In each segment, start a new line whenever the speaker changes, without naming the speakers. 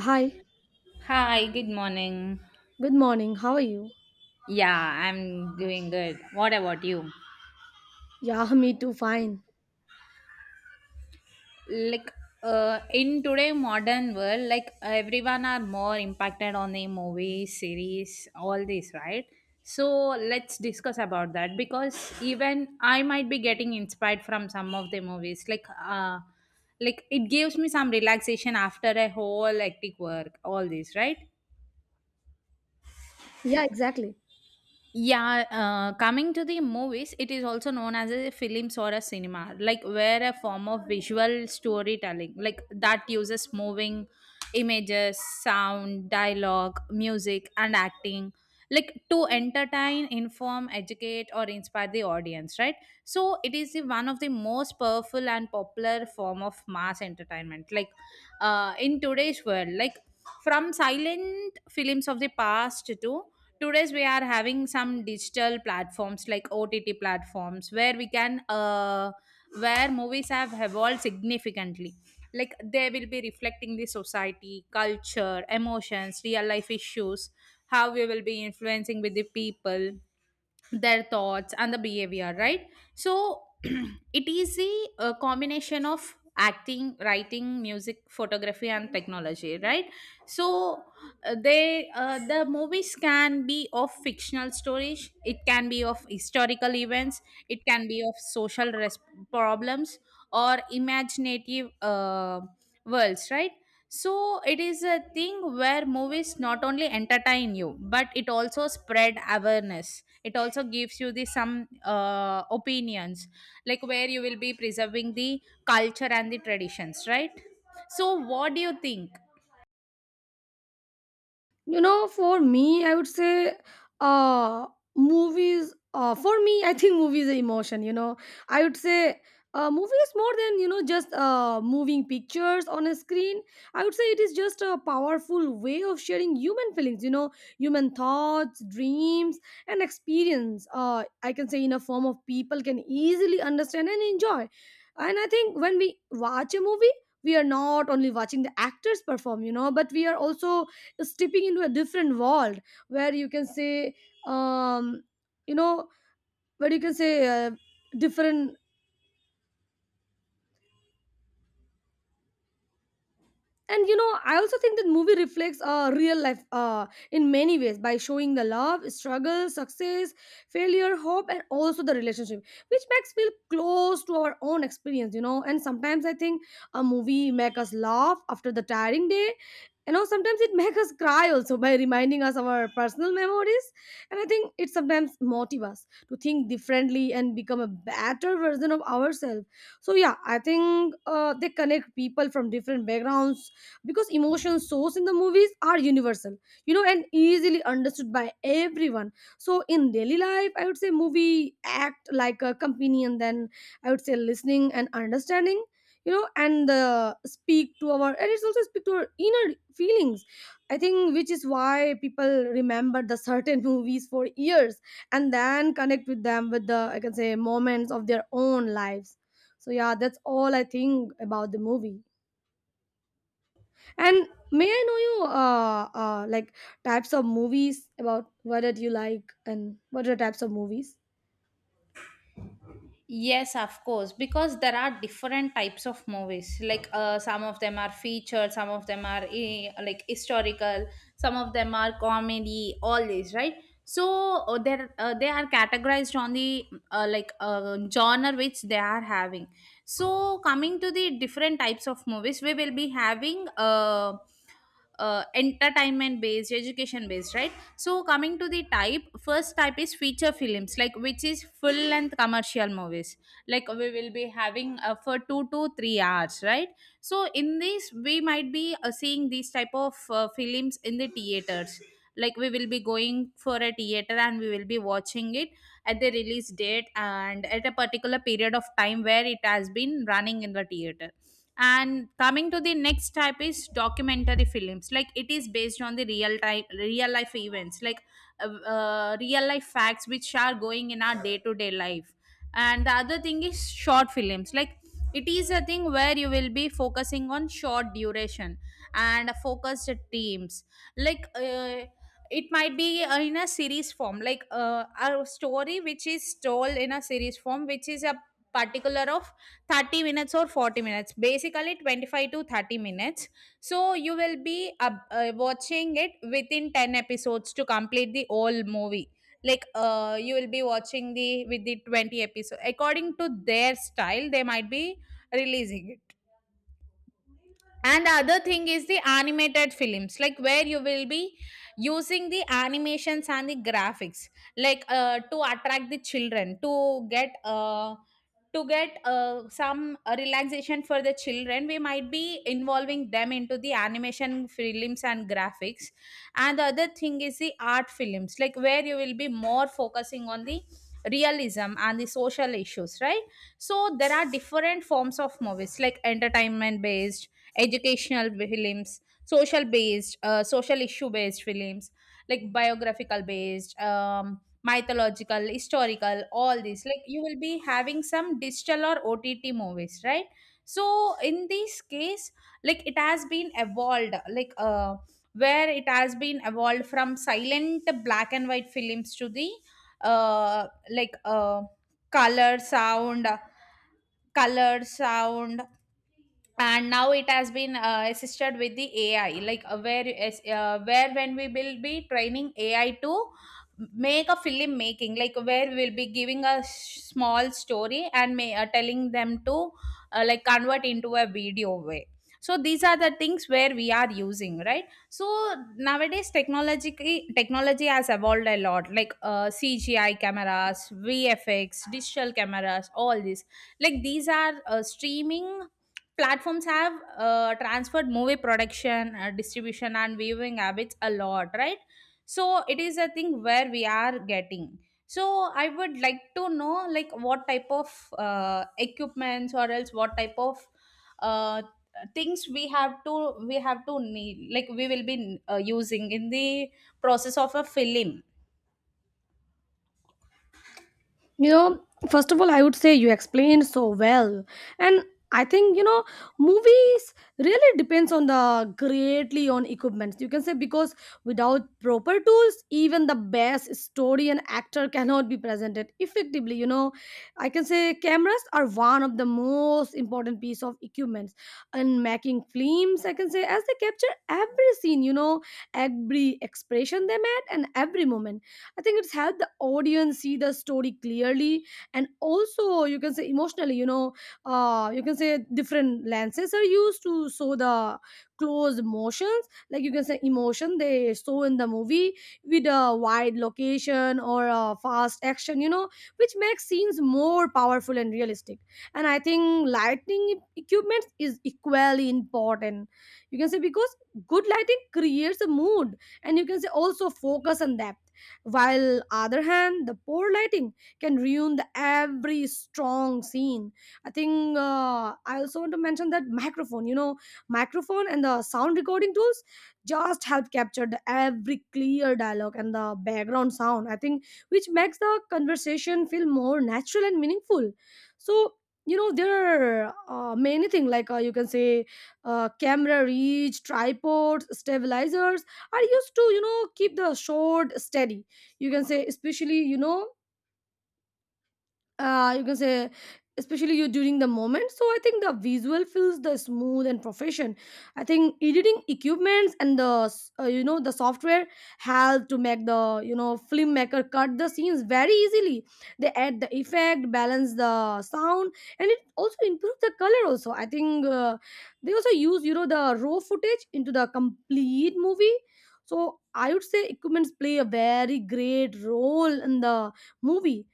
Hi,
Hi, good morning.
good morning. How are you?
Yeah, I'm doing good. What about you?
Yeah, me too, fine.
Like in today modern world, like everyone are more impacted on the movie, series, all this, right? So let's discuss about that because even I might be getting inspired from some of the movies. Like it gives me some relaxation after a whole hectic work, all this, right?
Yeah, exactly.
Yeah, coming to the movies, it is also known as a films or a cinema, like where a form of visual storytelling, like that uses moving images, sound, dialogue, music, and acting, like to entertain, inform, educate, or inspire the audience, right? So it is the one of the most powerful and popular form of mass entertainment, like in today's world, like from silent films of the past to today's we are having some digital platforms like OTT platforms where we can where movies have evolved significantly. Like they will be reflecting the society, culture, emotions, real life issues, how we will be influencing with the people their thoughts and the behavior, right? So it is a combination of acting, writing, music, photography and technology, right? So the movies can be of fictional stories, it can be of historical events, it can be of social problems, or imaginative worlds, right? So it is a thing where movies not only entertain you, but it also spread awareness. It also gives you the some opinions, like where you will be preserving the culture and the traditions, right? So what do you think?
You know, for me, I would say uh movies for me, I think movies are emotion, you know. I would say movie is more than, you know, just moving pictures on a screen. I would say it is just a powerful way of sharing human feelings, you know, human thoughts, dreams, and experience. I can say in a form of people can easily understand and enjoy. And I think when we watch a movie, we are not only watching the actors perform, you know, but we are also stepping into a different world where you can say um you know where you can say different. And you know, I also think that movie reflects real life in many ways by showing the love, struggle, success, failure, hope, and also the relationship, which makes feel close to our own experience, you know. And sometimes I think a movie make us laugh after the tiring day, you know. Sometimes it make us cry also by reminding us of our personal memories. And I think it sometimes motive us to think differently and become a better version of ourselves. So yeah, I think they connect people from different backgrounds because emotion shows in the movies are universal, you know, and easily understood by everyone. So in daily life, I would say movie act like a companion, then I would say listening and understanding, you know. And speak to our, and it's also speak to our inner feelings. I think which is why people remember the certain movies for years and then connect with them with the, I can say, moments of their own lives. So yeah, that's all I think about the movie. And may I know you like types of movies about what did you like and what are the types of movies?
Yes, of course, because there are different types of movies. Like some of them are featured, some of them are like historical, some of them are comedy. All these, right? So they are categorized on the genre which they are having. So coming to the different types of movies, we will be having. Entertainment based, education based, right? So coming to the type, first type is feature films, like which is full length commercial movies, like we will be having for 2 to 3 hours, right? So in this we might be seeing these type of films in the theaters, like we will be going for a theater and we will be watching it at the release date and at a particular period of time where it has been running in the theater. And coming to the next type is documentary films, like it is based on the real time, real life events, like real life facts which are going in our day to day life. And the other thing is short films, like it is a thing where you will be focusing on short duration and focused teams, like it might be in a series form, like a story which is told in a series form, which is a particular of 30 minutes or 40 minutes, basically 25 to 30 minutes. So you will be watching it within 10 episodes to complete the whole movie, like you will be watching the with the 20 episode according to their style they might be releasing it. And the other thing is the animated films, like where you will be using the animations and the graphics, like to attract the children to get some relaxation for the children, we might be involving them into the animation films and graphics. And the other thing is the art films, like where you will be more focusing on the realism and the social issues, right? So there are different forms of movies, like entertainment based, educational films, social based, social issue based films, like biographical based, mythological, historical, all these. Like you will be having some digital or OTT movies, right? So in this case, like it has been evolved, like where it has been evolved from silent black and white films to the uh, like uh, color sound color sound and now it has been assisted with the AI, like where when we will be training AI to make a film making, like where we'll be giving a small story and telling them to like convert into a video way. So these are the things where we are using, right? So nowadays technology has evolved a lot, like CGI cameras, VFX, digital cameras, all these. Like these are streaming platforms have transferred movie production, distribution and viewing habits a lot, right? So it is a thing where we are getting. So I would like to know, like what type of equipments or else what type of uh, things we have to need, like we will be using in the process of a film.
You know, first of all, I would say you explained so well. And I think, you know, movies really depends on the greatly on equipment. You can say because without proper tools, even the best story and actor cannot be presented effectively. You know, I can say cameras are one of the most important piece of equipment in making films. I can say as they capture every scene, you know, every expression they made and every moment. I think it's helped the audience see the story clearly and also you can say emotionally, you know. You can say different lenses are used to show the close motions. Like you can say emotion they show in the movie with a wide location or a fast action, you know, which makes scenes more powerful and realistic. And I think lighting equipment is equally important. You can say because good lighting creates a mood and you can say also focus on that, while other hand the poor lighting can ruin the every strong scene. I think I also want to mention that microphone, you know, microphone and the sound recording tools just help capture the every clear dialogue and the background sound. I think which makes the conversation feel more natural and meaningful. So, you know, there are many things like, you can say camera reach, tripods, stabilizers are used to, you know, keep the shot steady. You can say especially, you know, you can say especially you during the moment, so I think the visual feels the smooth and profession. I think editing equipments and the you know, the software help to make the, you know, filmmaker cut the scenes very easily. They add the effect, balance the sound, and it also improves the color also. I think they also use, you know, the raw footage into the complete movie. So I would say equipments play a very great role in the movie,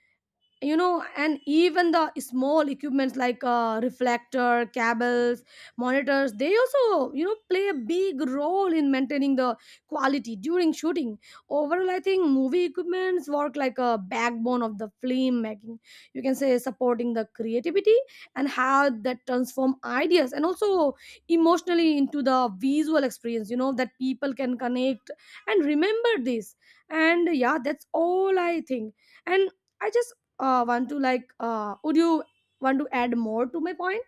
you know. And even the small equipments like reflector, cables, monitors, they also, you know, play a big role in maintaining the quality during shooting. Overall, I think movie equipments work like a backbone of the film making. You can say supporting the creativity and how that transform ideas and also emotionally into the visual experience, you know, that people can connect and remember this. And yeah, that's all I think. And I just want to like would you want to add more to my point?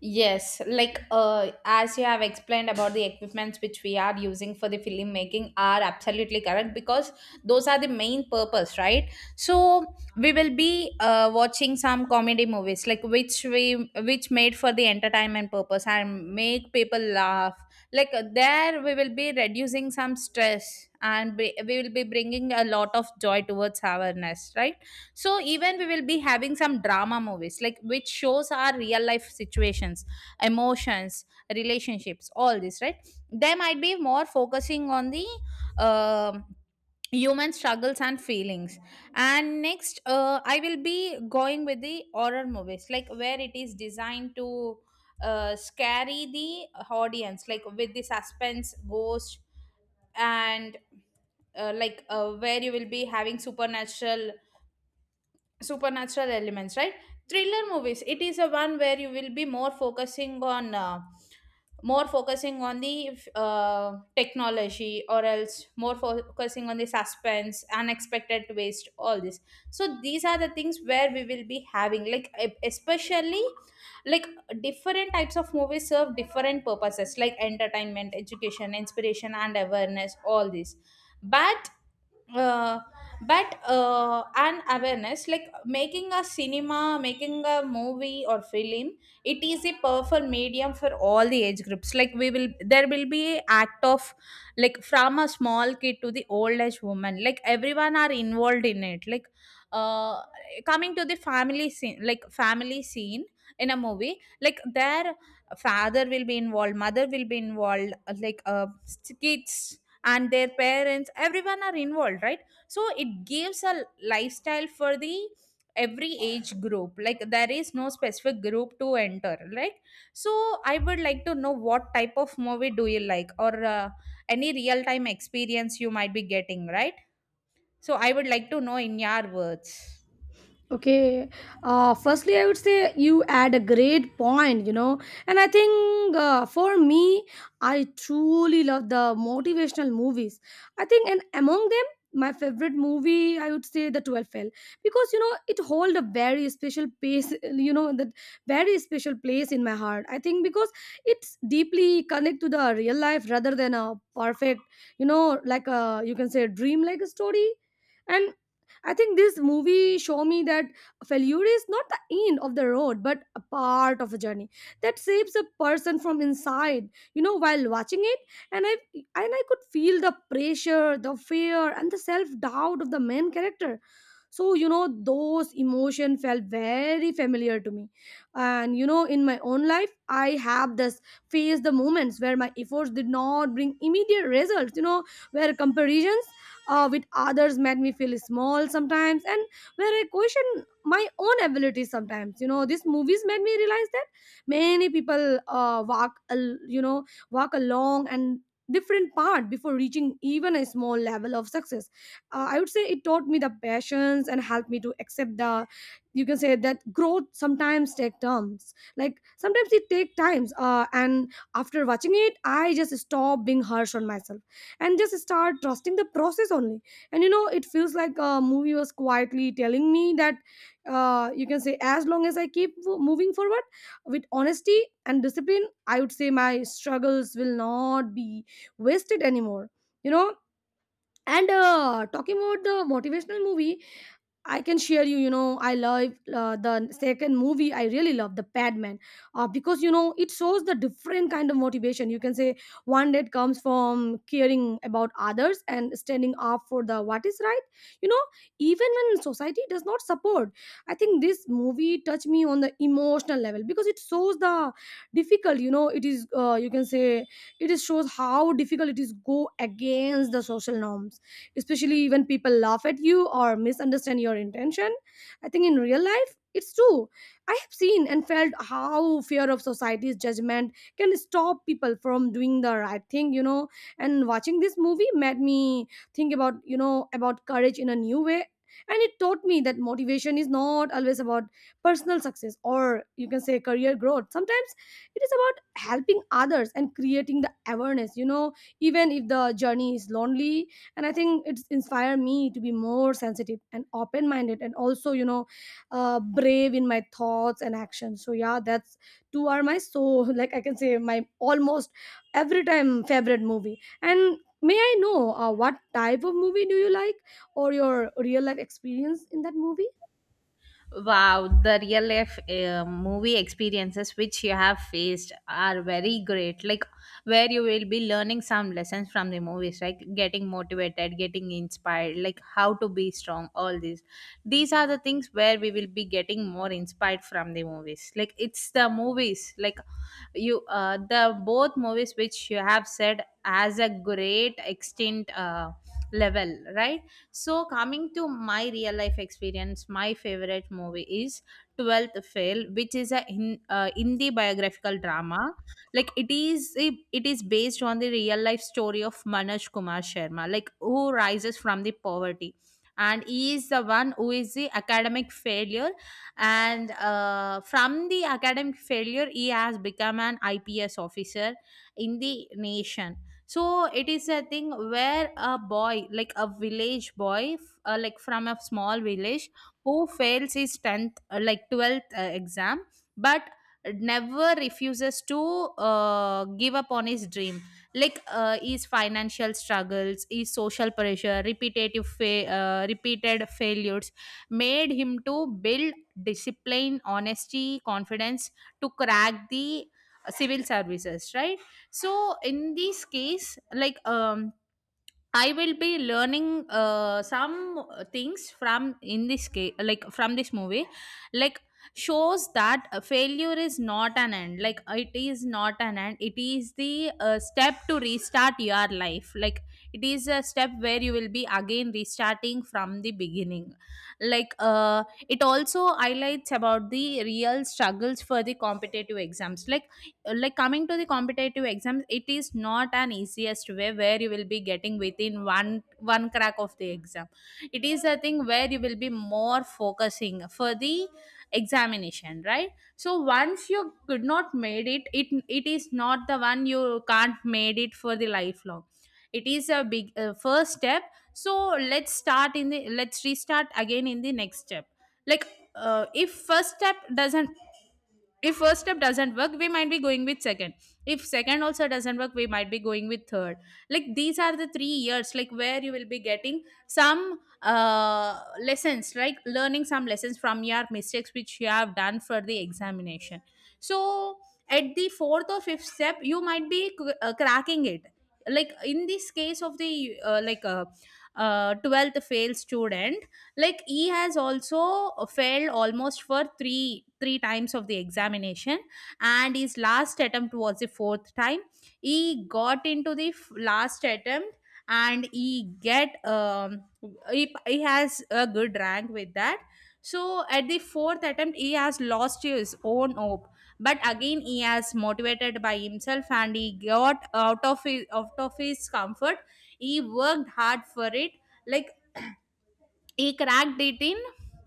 Yes, like as you have explained about the equipments which we are using for the filmmaking are absolutely correct, because those are the main purpose, right? So we will be watching some comedy movies, like which made for the entertainment purpose and make people laugh. Like we will be reducing some stress and we will be bringing a lot of joy towards awareness, right? So even we will be having some drama movies, like which shows our real life situations, emotions, relationships, all this, right? They might be more focusing on the um human struggles and feelings. And next I will be going with the horror movies, like where it is designed to scary the audience, like with the suspense, ghost, and where you will be having supernatural elements, right? Thriller movies, it is a one where you will be more focusing on the technology or else more focusing on the suspense, unexpected twist, all this. So these are the things where we will be having, like especially like different types of movies serve different purposes, like entertainment, education, inspiration and awareness, all this. But uh, an awareness, like making a cinema, making a movie or film, it is a powerful medium for all the age groups, like we will there will be act of, like from a small kid to the old age woman, like everyone are involved in it. Like uh, coming to the family scene, like family scene in a movie, like their father will be involved, mother will be involved, like kids and their parents, everyone are involved, right? So it gives a lifestyle for the every age group, like there is no specific group to enter. Right. So I would like to know, what type of movie do you like, or any real time experience you might be getting, right? So I would like to know in your words.
Okay. Firstly, I would say you add a great point, you know. And I think for me, I truly love the motivational movies. I think, and among them, my favorite movie, I would say The 12 Fail, because, you know, it hold a very special place, you know, that very special place in my heart. I think because it's deeply connect to the real life rather than a perfect, you know, like a, you can say dream like a story. And I think this movie show me that failure is not the end of the road, but a part of a journey that saves a person from inside. You know, while watching it, and I could feel the pressure, the fear, and the self doubt of the main character. So you know, those emotion felt very familiar to me. And you know, in my own life, I have this faced the moments where my efforts did not bring immediate results, you know, where comparisons with others made me feel small sometimes, and where I question my own abilities sometimes. You know, these movies made me realize that many people walk a, you know walk a long and different path before reaching even a small level of success. I would say it taught me the patience and helped me to accept the, you can say, that growth sometimes take terms, like sometimes it take times, and after watching it, I just stop being harsh on myself and just start trusting the process only. And you know, it feels like a movie was quietly telling me that you can say as long as I keep moving forward with honesty and discipline, I would say my struggles will not be wasted anymore, you know. And talking about the motivational movie, I can share you. You know, I love the second movie. I really love the Padman because you know, it shows the different kind of motivation. You can say one that comes from caring about others and standing up for the what is right. You know, even when society does not support, I think this movie touched me on the emotional level because it shows the difficult. You know, it is you can say it is shows how difficult it is go against the social norms, especially when people laugh at you or misunderstand your intention. I think in real life, it's true. I have seen and felt how fear of society's judgment can stop people from doing the right thing, you know. And watching this movie made me think about, you know, about courage in a new way. And it taught me that motivation is not always about personal success or you can say career growth. Sometimes it is about helping others and creating the awareness, you know, even if the journey is lonely. And I think it's inspired me to be more sensitive and open minded, and also you know, brave in my thoughts and actions. So yeah, that's two are my, so like I can say my almost every time favorite movie. And may I know what type of movie do you like or your real life experience in that movie?
Wow, the real life movie experiences which you have faced are very great. Like, where you will be learning some lessons from the movies, like getting motivated, getting inspired, like how to be strong, all these. These are the things where we will be getting more inspired from the movies. Like, it's the movies, like the both movies which you have said as a great extent level, right? So, coming to my real life experience, my favorite movie is 12th Fail, which is a Hindi biographical drama. Like it is based on the real life story of Manoj Kumar Sharma, like who rises from the poverty, and he is the one who is the academic failure, and from the academic failure, he has become an IPS officer in the nation. So it is a thing where a boy, like a village boy, like from a small village, who fails his 10th, like 12th exam, but never refuses to give up on his dream. Like his financial struggles, his social pressure, repeated failures made him to build discipline, honesty, confidence to crack the civil services, right? So in this case, like, I will be learning some things from, in this case, like from this movie. Like, shows that failure is not an end. Like, it is not an end, it is the step to restart your life. Like, it is a step where you will be again restarting from the beginning. Like it also highlights about the real struggles for the competitive exams. Like like coming to the competitive exams, it is not an easiest way where you will be getting within one crack of the exam. It is a thing where you will be more focusing for the examination, right? So once you could not made it it is not the one you can't made it for the lifelong. It is a big first step. So let's start in the let's restart again in the next step. Like, if first step doesn't if first step doesn't work, we might be going with second. If second also doesn't work, we might be going with third. Like these are the 3 years, like where you will be getting some lessons, like learning some lessons from your mistakes which you have done for the examination. So at the fourth or fifth step, you might be cracking it. Like in this case of the like 12th fail student, like he has also failed almost for three times of the examination, and his last attempt was the fourth time. He got into the last attempt, and he get he has a good rank with that. So at the fourth attempt, he has lost his own hope, but again he has motivated by himself and he got out of his comfort. He worked hard for it. Like he cracked it in,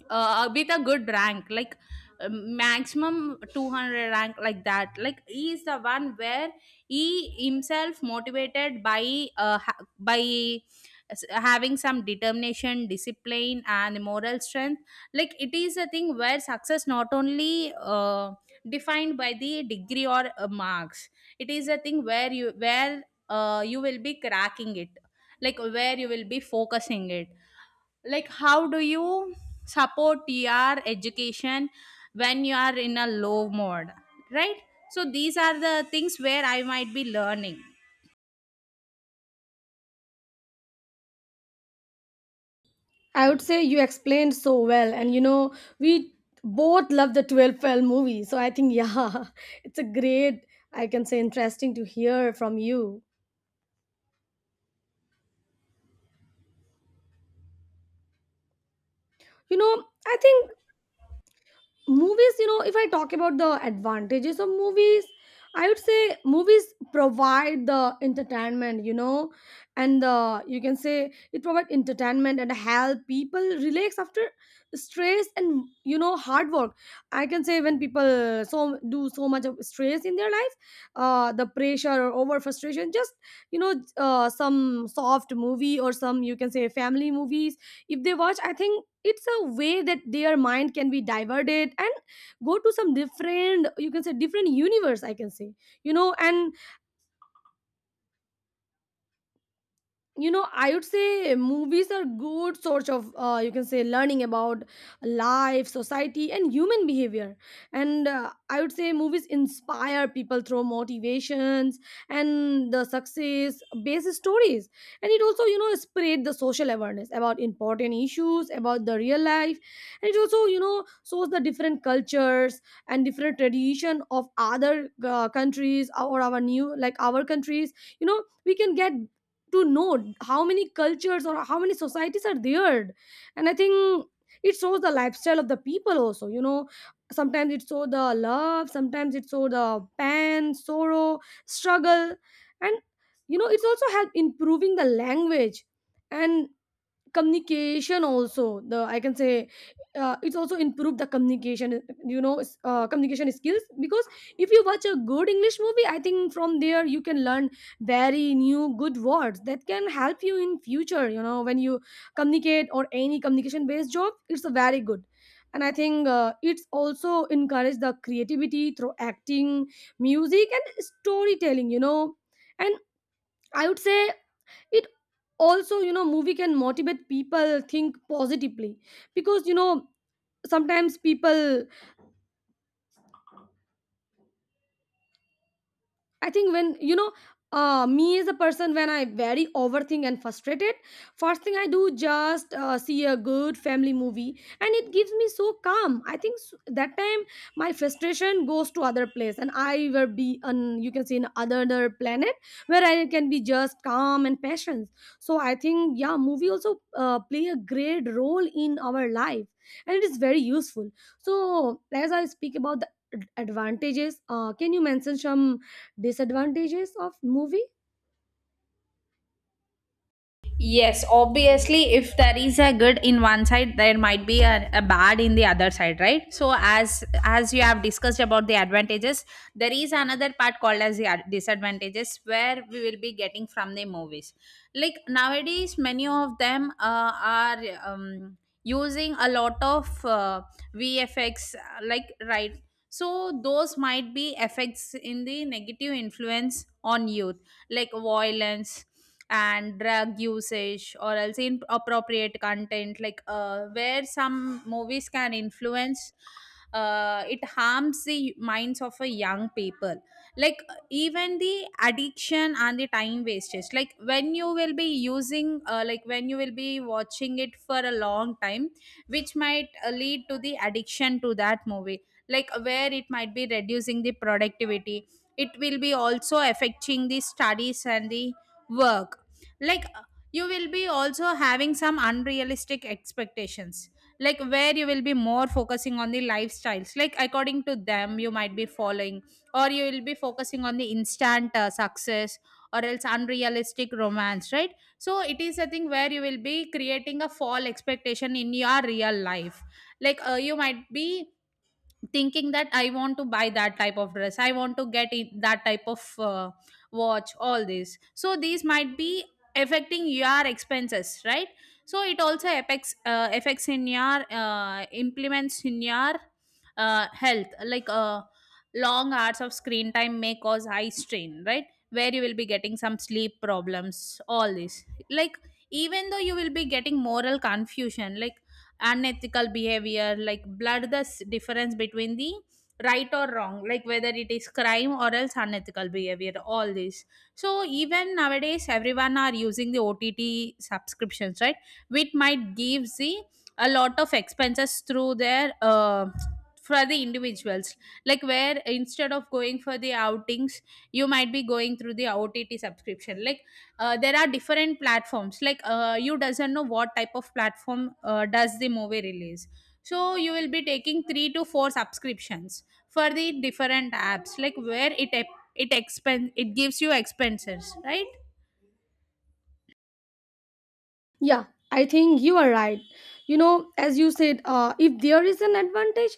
with a good rank, like maximum 200 rank, like that. Like he is the one where he himself motivated by having some determination, discipline and moral strength. Like it is a thing where success not only defined by the degree or marks. It is a thing where you will be cracking it, like where you will be focusing it, like how do you support your education when you are in a low mode, right? So these are the things where I might be learning.
I would say you explained so well. And you know, we both love the 12 fell movie, so I think yeah, it's a great, I can say, interesting to hear from you. You know, I think movies, you know, if I talk about the advantages of movies, I would say movies provide the entertainment, you know. And the, you can say, it provide entertainment and help people relax after stress and you know, hard work. I can say when people so do so much of stress in their life, the pressure or over frustration, just you know, some soft movie or some you can say family movies, if they watch, I think it's a way that their mind can be diverted and go to some different, you can say different universe, I can say, you know. And you know, I would say movies are good source of you can say learning about life, society, and human behavior. And I would say movies inspire people through motivations and the success based stories. And it also you know, spread the social awareness about important issues about the real life. And it also you know, shows the different cultures and different tradition of other Countries or our new like our countries, you know, we can get to know how many cultures or how many societies are there. And I think it shows the lifestyle of the people also. Sometimes it shows the love, sometimes it shows the pain, sorrow, struggle. And you know, it's also help improving the language and communication also, the I can say it's also improved the communication, you know, communication skills, because if you watch a good English movie, I think from there you can learn very new good words that can help you in future, you know, when you communicate or any communication based job, it's a very good. And I think it's also encourage the creativity through acting, music and storytelling, you know. And I would say it also, you know, movie can motivate people think positively, because you know, sometimes people, I think when you know, me as a person, when I very overthink and frustrated, first thing I do just see a good family movie, and it gives me so calm. I think that time my frustration goes to other place, and I will be on, you can say, in other planet, where I can be just calm and patient. So I think, yeah, movie also play a great role in our life, and it is very useful. So as I speak about the advantages, can you mention some disadvantages of movie?
Yes, obviously, if there is a good in one side, there might be a bad in the other side, right? So, as you have discussed about the advantages, there is another part called as the disadvantages, where we will be getting from the movies. Like nowadays, many of them are um, using a lot of VFX, like, right? So, those might be effects in the negative influence on youth, like violence and drug usage or else inappropriate content. Like where some movies can influence, it harms the minds of a young people, like even the addiction and the time wastage. Like when you will be using, like when you will be watching it for a long time, which might lead to the addiction to that movie, like where it might be reducing the productivity. It will be also affecting the studies and the work. Like you will be also having some unrealistic expectations, like where you will be more focusing on the lifestyles. Like according to them, you might be following, or you will be focusing on the instant success, or else unrealistic romance, right? So it is a thing where you will be creating a fall expectation in your real life. Like you might be thinking that I want to buy that type of dress, I want to get it, that type of watch, all this. So these might be affecting your expenses, right? So it also affects in your implements in your health. Like long hours of screen time may cause eye strain, right? Where you will be getting some sleep problems, all this. Like even though you will be getting moral confusion, like unethical behavior, like blur the difference between the right or wrong, like whether it is crime or else unethical behavior, all this. So even nowadays everyone are using the OTT subscriptions, right? Which might give the a lot of expenses through their for the individuals, like where instead of going for the outings, you might be going through the OTT subscription. Like there are different platforms, like you doesn't know what type of platform does the movie release. So you will be taking three to four subscriptions for the different apps, like where it gives you expenses, right?
Yeah, I think you are right. You know, as you said, if there is an advantage,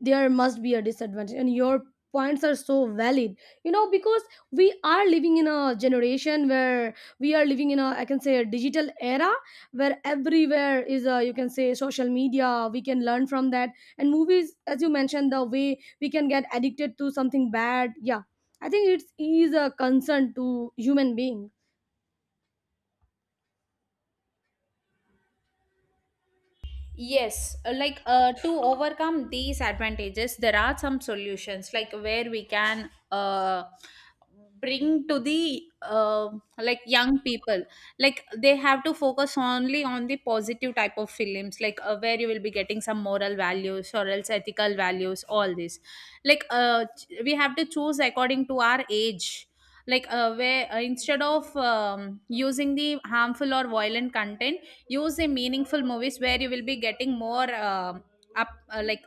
there must be a disadvantage, and your points are so valid, you know, because we are living in a generation where we are living in a, I can say, a digital era, where everywhere is a, you can say, social media, we can learn from that. And movies, as you mentioned, the way we can get addicted to something bad. Yeah, I think it's a concern to human being.
Yes, like, to overcome these advantages, there are some solutions, like where we can bring to the like young people. Like they have to focus only on the positive type of films, like where you will be getting some moral values or else ethical values, all this. Like, we have to choose according to our age. Like where instead of using the harmful or violent content, use the meaningful movies where you will be getting more up like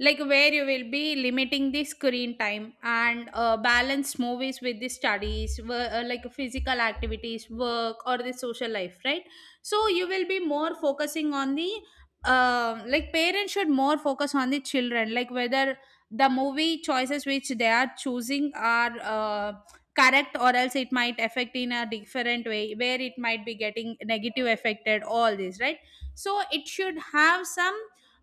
like where you will be limiting the screen time and balance movies with the studies, like physical activities, work or the social life, right? So you will be more focusing on the like parents should more focus on the children, like whether the movie choices which they are choosing are correct or else it might affect in a different way, where it might be getting negative affected, all this, right? So it should have some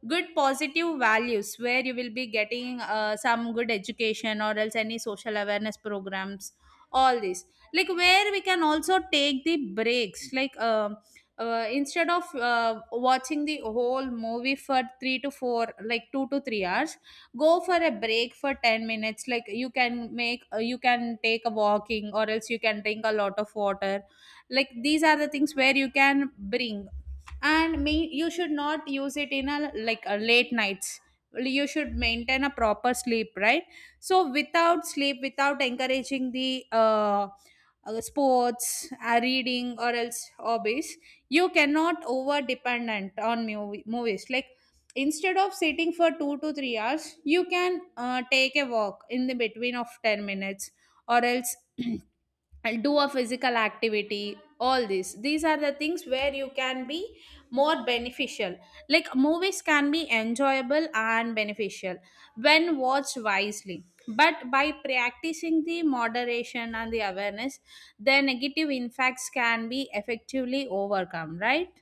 good positive values, where you will be getting some good education or else any social awareness programs, all this. Like where we can also take the breaks, like instead of watching the whole movie for 3 to 4, like 2 to 3 hours, go for a break for 10 minutes. Like you can make, you can take a walking, or else you can drink a lot of water. Like these are the things where you can bring. And me, you should not use it in a, like a late nights. You should maintain a proper sleep, right? So without sleep, without encouraging the sports, reading or else hobbies, you cannot over dependent on movies. Like instead of sitting for 2 to 3 hours, you can take a walk in the between of 10 minutes, or else and do a physical activity, all this. These are the things where you can be more beneficial. Like movies can be enjoyable and beneficial when watched wisely, but by practicing the moderation and the awareness, the negative impacts can be effectively overcome, right?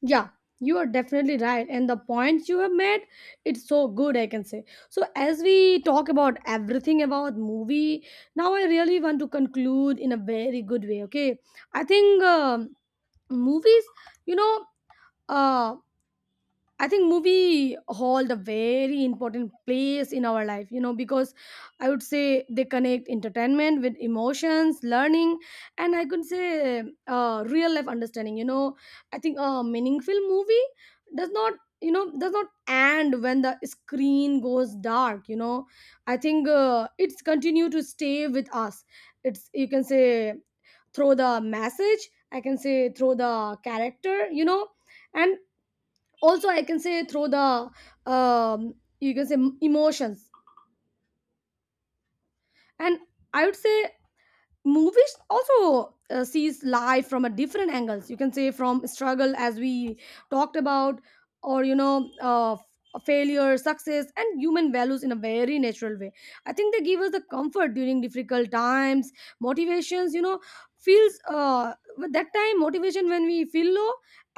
Yeah, you are definitely right. And the points you have made, it's so good, I can say. So, as we talk about everything about movie, now I really want to conclude in a very good way, okay? I think, um, movies, you know, uh, I think movie hold a very important place in our life, you know, because I would say they connect entertainment with emotions, learning, and I could say real life understanding. You know, I think a meaningful movie does not, does not end when the screen goes dark. You know, I think it's continue to stay with us. It's, you can say, through the message, I can say through the character, you know, and also I can say through the, um, you can say, emotions. And I would say movies also sees life from a different angles, you can say, from struggle, as we talked about, or you know, failure, success and human values in a very natural way. I think they give us the comfort during difficult times, motivations, you know, feels with that time motivation when we feel low,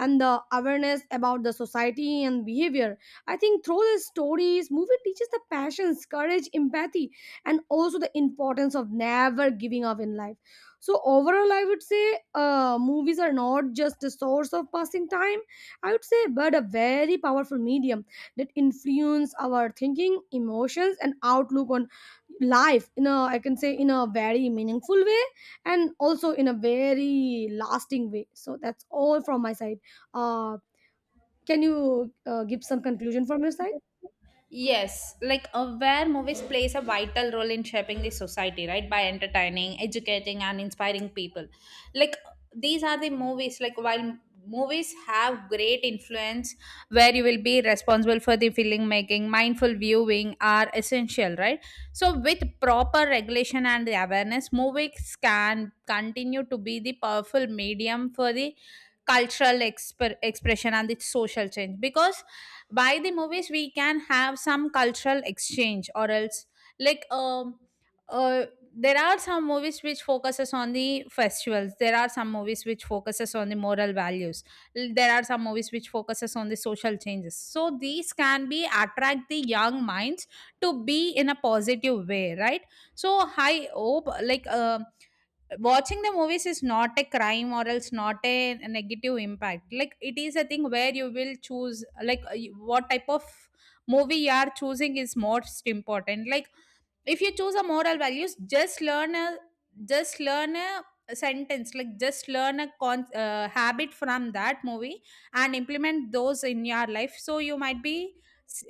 and the awareness about the society and behavior. I think through the stories movie teaches the passions, courage, empathy, and also the importance of never giving up in life. So overall I would say movies are not just a source of passing time, I would say, but a very powerful medium that influence our thinking, emotions and outlook on life in a, I can say, in a very meaningful way, and also in a very lasting way. So that's all from my side. uh, can you give some conclusion from your side?
Yes, like where movies plays a vital role in shaping the society, right? By entertaining, educating, and inspiring people. Like these are the movies. Like while movies have great influence, where you will be responsible for the film making, mindful viewing are essential, right? So with proper regulation and the awareness, movies can continue to be the powerful medium for the cultural expression and the social change. Because by the movies we can have some cultural exchange, or else like, uh, there are some movies which focuses on the festivals, there are some movies which focuses on the moral values. There are some movies which focuses on the social changes. So these can be attract the young minds to be in a positive way, right? So I hope, like, watching the movies is not a crime or else not a negative impact. Like it is a thing where you will choose, like, what type of movie you are choosing is most important. Like if you choose a moral values, just learn a, just learn a sentence, like just learn a habit from that movie and implement those in your life, so you might be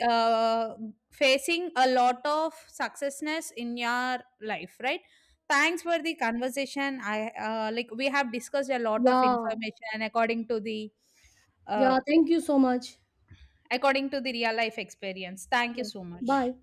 uh, facing a lot of successness in your life, right? Thanks for the conversation. I, like we have discussed a lot of
Yeah.
information according to the, uh,
Yeah, thank you so much.
according to the real life experience. Thank you
Yeah.
so much.
Bye.